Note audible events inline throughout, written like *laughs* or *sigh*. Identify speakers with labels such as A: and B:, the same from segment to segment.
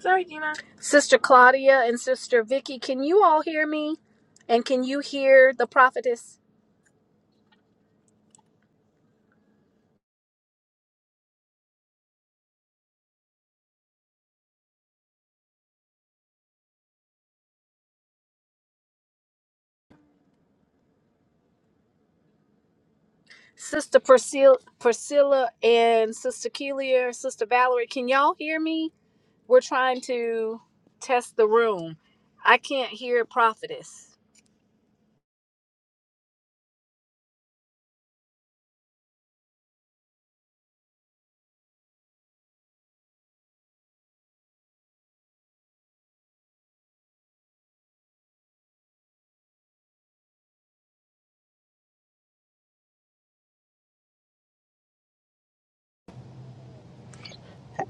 A: Sorry, Dina. Sister Claudia and Sister Vicky, can you all hear me? And can you hear the prophetess? Sister Priscilla, Priscilla and Sister Kelia, Sister Valerie, can y'all hear me? We're trying to test the room. I can't hear prophetess.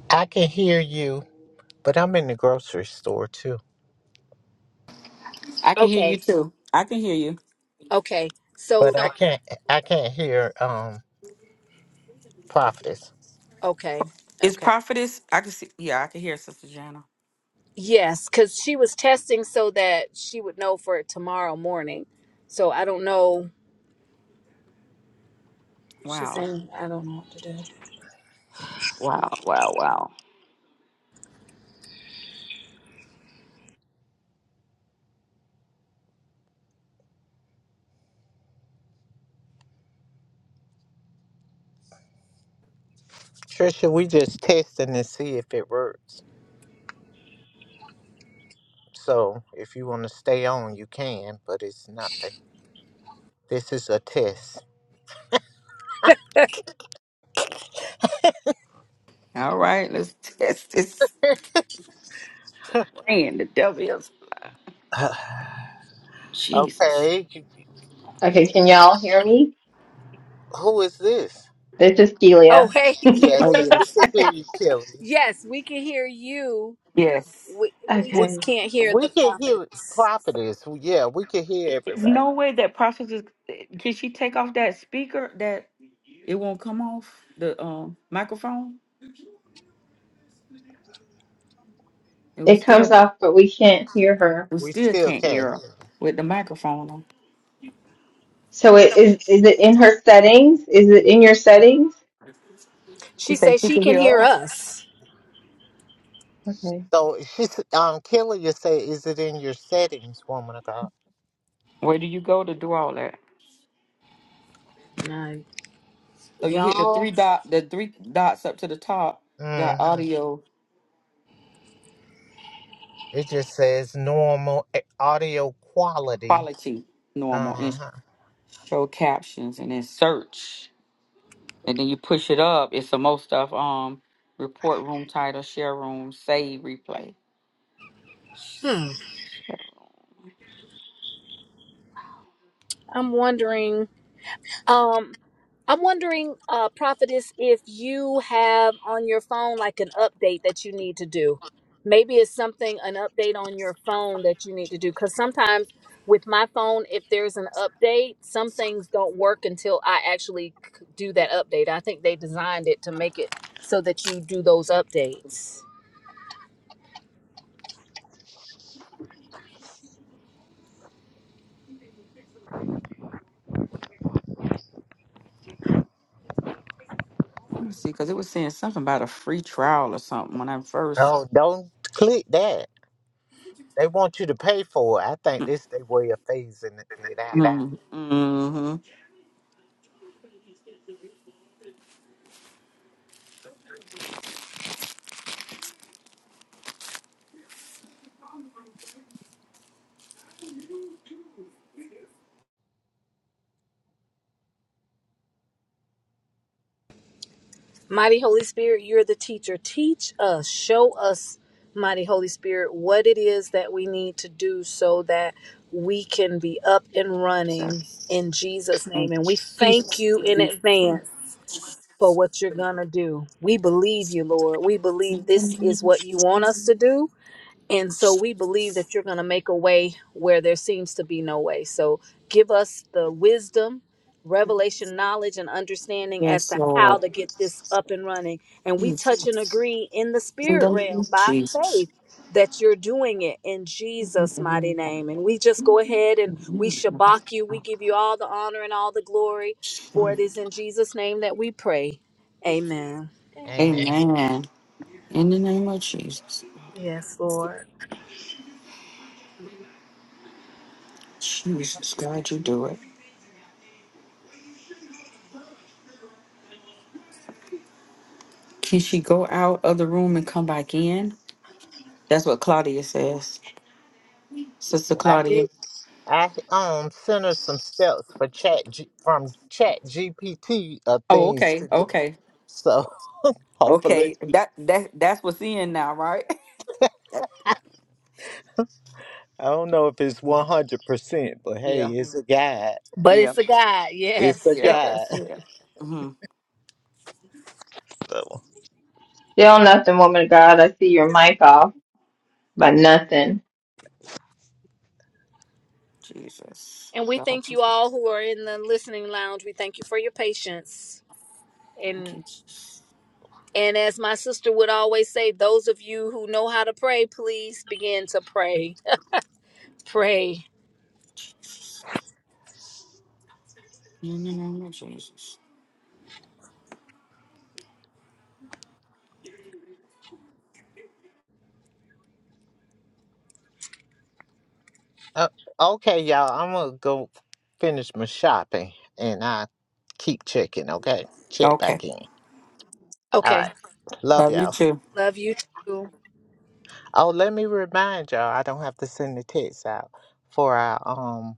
B: I can hear you, but I'm in the grocery store too.
C: I can hear you
A: Okay.
C: too. I can hear you.
A: Okay. So
B: But I
A: the
B: can't I can't hear um prophetess.
A: okay.
C: Is
A: Okay.
C: prophetess? I can see. Yeah, I can hear Sister Jana.
A: Yes, cuz she was testing so that she would know for tomorrow morning. So I don't know. She's
C: Wow.
A: saying I don't know what to do.
C: Wow. Wow. Wow.
B: Trisha, we just testing to see if it works. So if you wanna stay on you can, but it's nothing. This is a test.
C: All right. Let's test this plan. The devil is.
B: *sighs*
C: Jesus.
B: okay. you-
D: Okay, can y'all hear me?
B: Who is this?
D: This is
A: Oh,
D: Celia.
A: hey, *laughs*
C: Oh,
B: Yes,
A: Keely.
B: we
C: yes.
B: can
C: *laughs*
B: hear you, Kelly.
A: Yes, we can hear you.
C: Yes.
A: We, we
B: We
A: just
D: Okay.
A: can't hear
B: we
A: the
B: can hear
A: prophetess.
B: prophetess. Well, Yeah, we can hear
C: I- It's
B: everybody.
C: no way that prophetess is- Can she take off that speaker that it won't come off the um microphone? It was
D: It comes
C: still,
D: off, but we can't hear her.
C: we
B: We
C: still
B: still
C: can't
B: can't
C: hear
B: hear.
C: her with the microphone on.
D: So it is is it in her settings? Is it in your settings?
C: She
A: She
C: said
A: says
C: she
A: she
C: can
A: can
C: hear
A: hear
C: us.
A: us.
D: Okay.
B: So she's um Kelly you say, is it in your settings, woman of God?
C: Where do you go to do all that?
A: No,
C: So you hit the three
A: y'all.
C: dot, the three dots up to the top. Got
B: hmm
C: audio
B: It just says normal a- audio quality.
C: quality normal and
B: Uh-huh.
C: show captions, and then search. And then you push it up. It's the most stuff. Um, report room title, share room, save replay.
A: Hmm.
C: Share room.
A: I'm wondering. Um, I'm wondering, uh, Prophetess, if you have on your phone like an update that you need to do. Maybe it's something, an update on your phone that you need to do. Because sometimes with my phone, if there's an update, some things don't work until I actually c- do that update. I think they designed it to make it so that you do those updates.
C: Let me see, because it was saying something about a free trial or something when I first.
B: Oh, don't click that. They want you to pay for it. I think this they way of phasing it out.
C: Mm, mm-hmm.
A: Mighty Holy Spirit, you're the teacher. Teach us, show us, Mighty Holy Spirit, what it is that we need to do so that we can be up and
C: So,
A: running in Jesus'
C: and
A: name. And we thank
C: Jesus.
A: you in advance for what you're going to do. We believe you, Lord. We believe this is what you want us to do. And so we believe that you're going to make a way where there seems to be no way. So give us the wisdom, revelation, knowledge, and understanding as
C: Yes,
A: to how
C: Lord.
A: to get this up and running. And we touch and
C: Jesus.
A: agree in the spirit realm by
C: Jesus.
A: faith that you're doing it in Jesus' mighty name. And we just go ahead and we shabak you. We give you all the honor and all the glory, for it is in Jesus' name that we pray. Amen. Amen.
B: Amen.
C: Amen. In the name of Jesus.
A: Yes, Lord.
C: Jesus, God, you do it. Can she go out of the room and come back in? That's what Claudia says. Sister
B: Well, I
C: Claudia.
B: did. I um sent her some steps for chat G- from Chat GPT of
C: Oh,
B: things to
C: okay.
B: do.
C: Okay.
B: So *laughs* hopefully,
C: Okay. That that that's what's in now, right? *laughs*
B: I don't know if it's one hundred percent, but hey,
C: yeah.
B: it's a guide.
A: But
C: Yeah.
A: it's a God.
B: It's a
A: Yes.
C: Yeah.
A: *laughs*
B: guy.
C: That's
B: *laughs*
C: it. hmm
B: That one.
D: Still nothing, woman of God. I see your mic off, but nothing.
C: Jesus.
A: And we
C: God,
A: thank you
C: Jesus.
A: all who are in the listening lounge. We thank you for your patience.
C: Thank
A: And
C: you. Jesus.
A: and as my sister would always say, those of you who know how to pray, please begin to pray. Pray.
C: Jesus. In the name of Jesus.
B: Uh, okay, y'all. I'm gonna go finish my shopping, and I keep checking. Okay, check
C: Okay.
B: back in. All
A: Okay.
B: right. Love
C: Love you
B: y'all.
C: too.
A: Love you too.
B: Oh, let me remind y'all. I don't have to send the text out for our um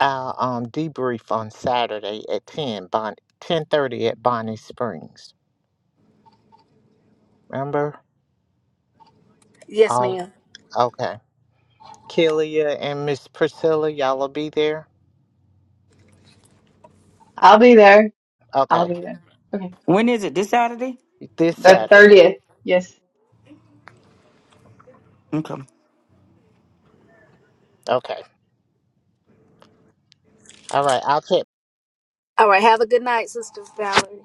B: our um debrief on Saturday at ten Bon ten thirty at Bonnie Springs. Remember?
A: Yes,
B: All
A: ma'am.
B: okay. Killia and Miss Priscilla, y'all will be there.
D: I'll be there. I'll
B: Okay.
D: be there. Okay.
C: When is it? This Saturday?
B: This
D: The
B: Saturday.
D: 30th. Yes.
C: Okay.
B: Okay. All right. I'll check
A: All right. Have a good night, Sister Valerie.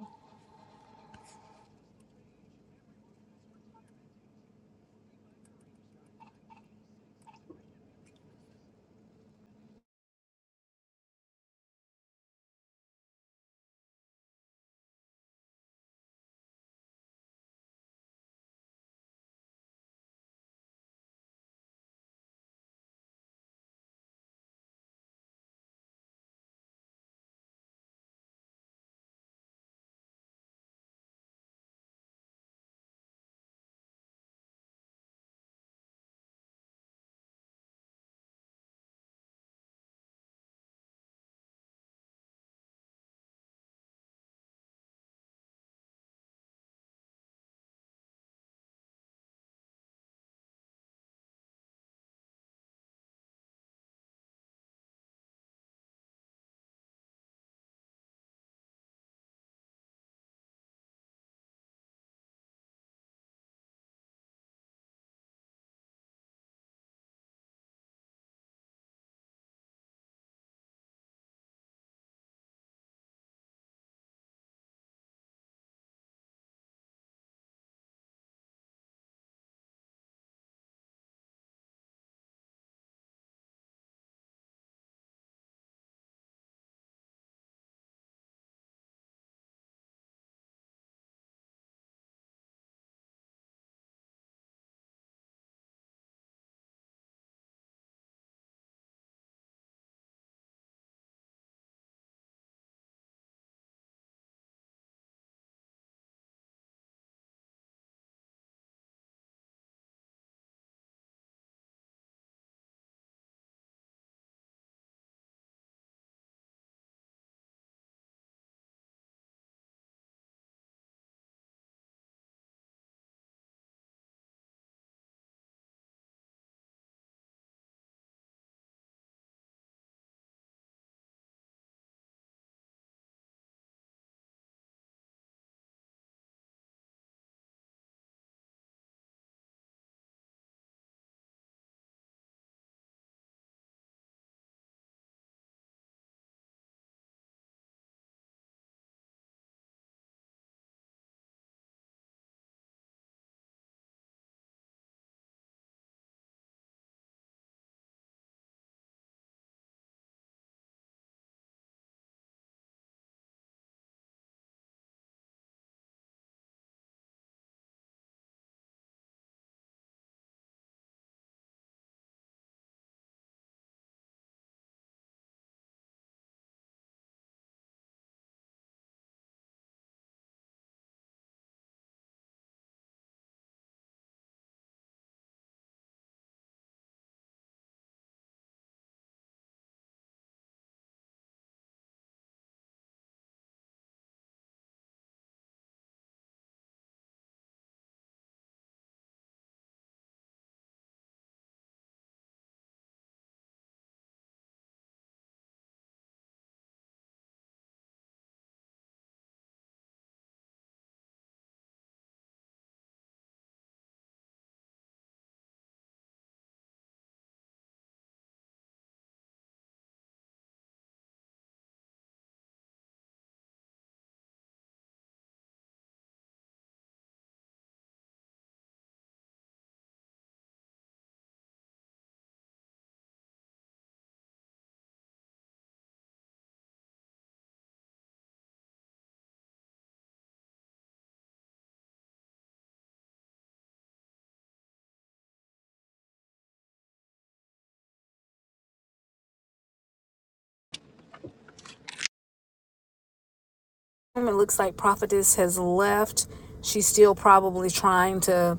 A: It looks like Prophetess has left. She's still probably trying to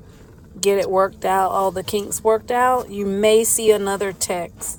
A: get it worked out, all the kinks worked out. You may see another text.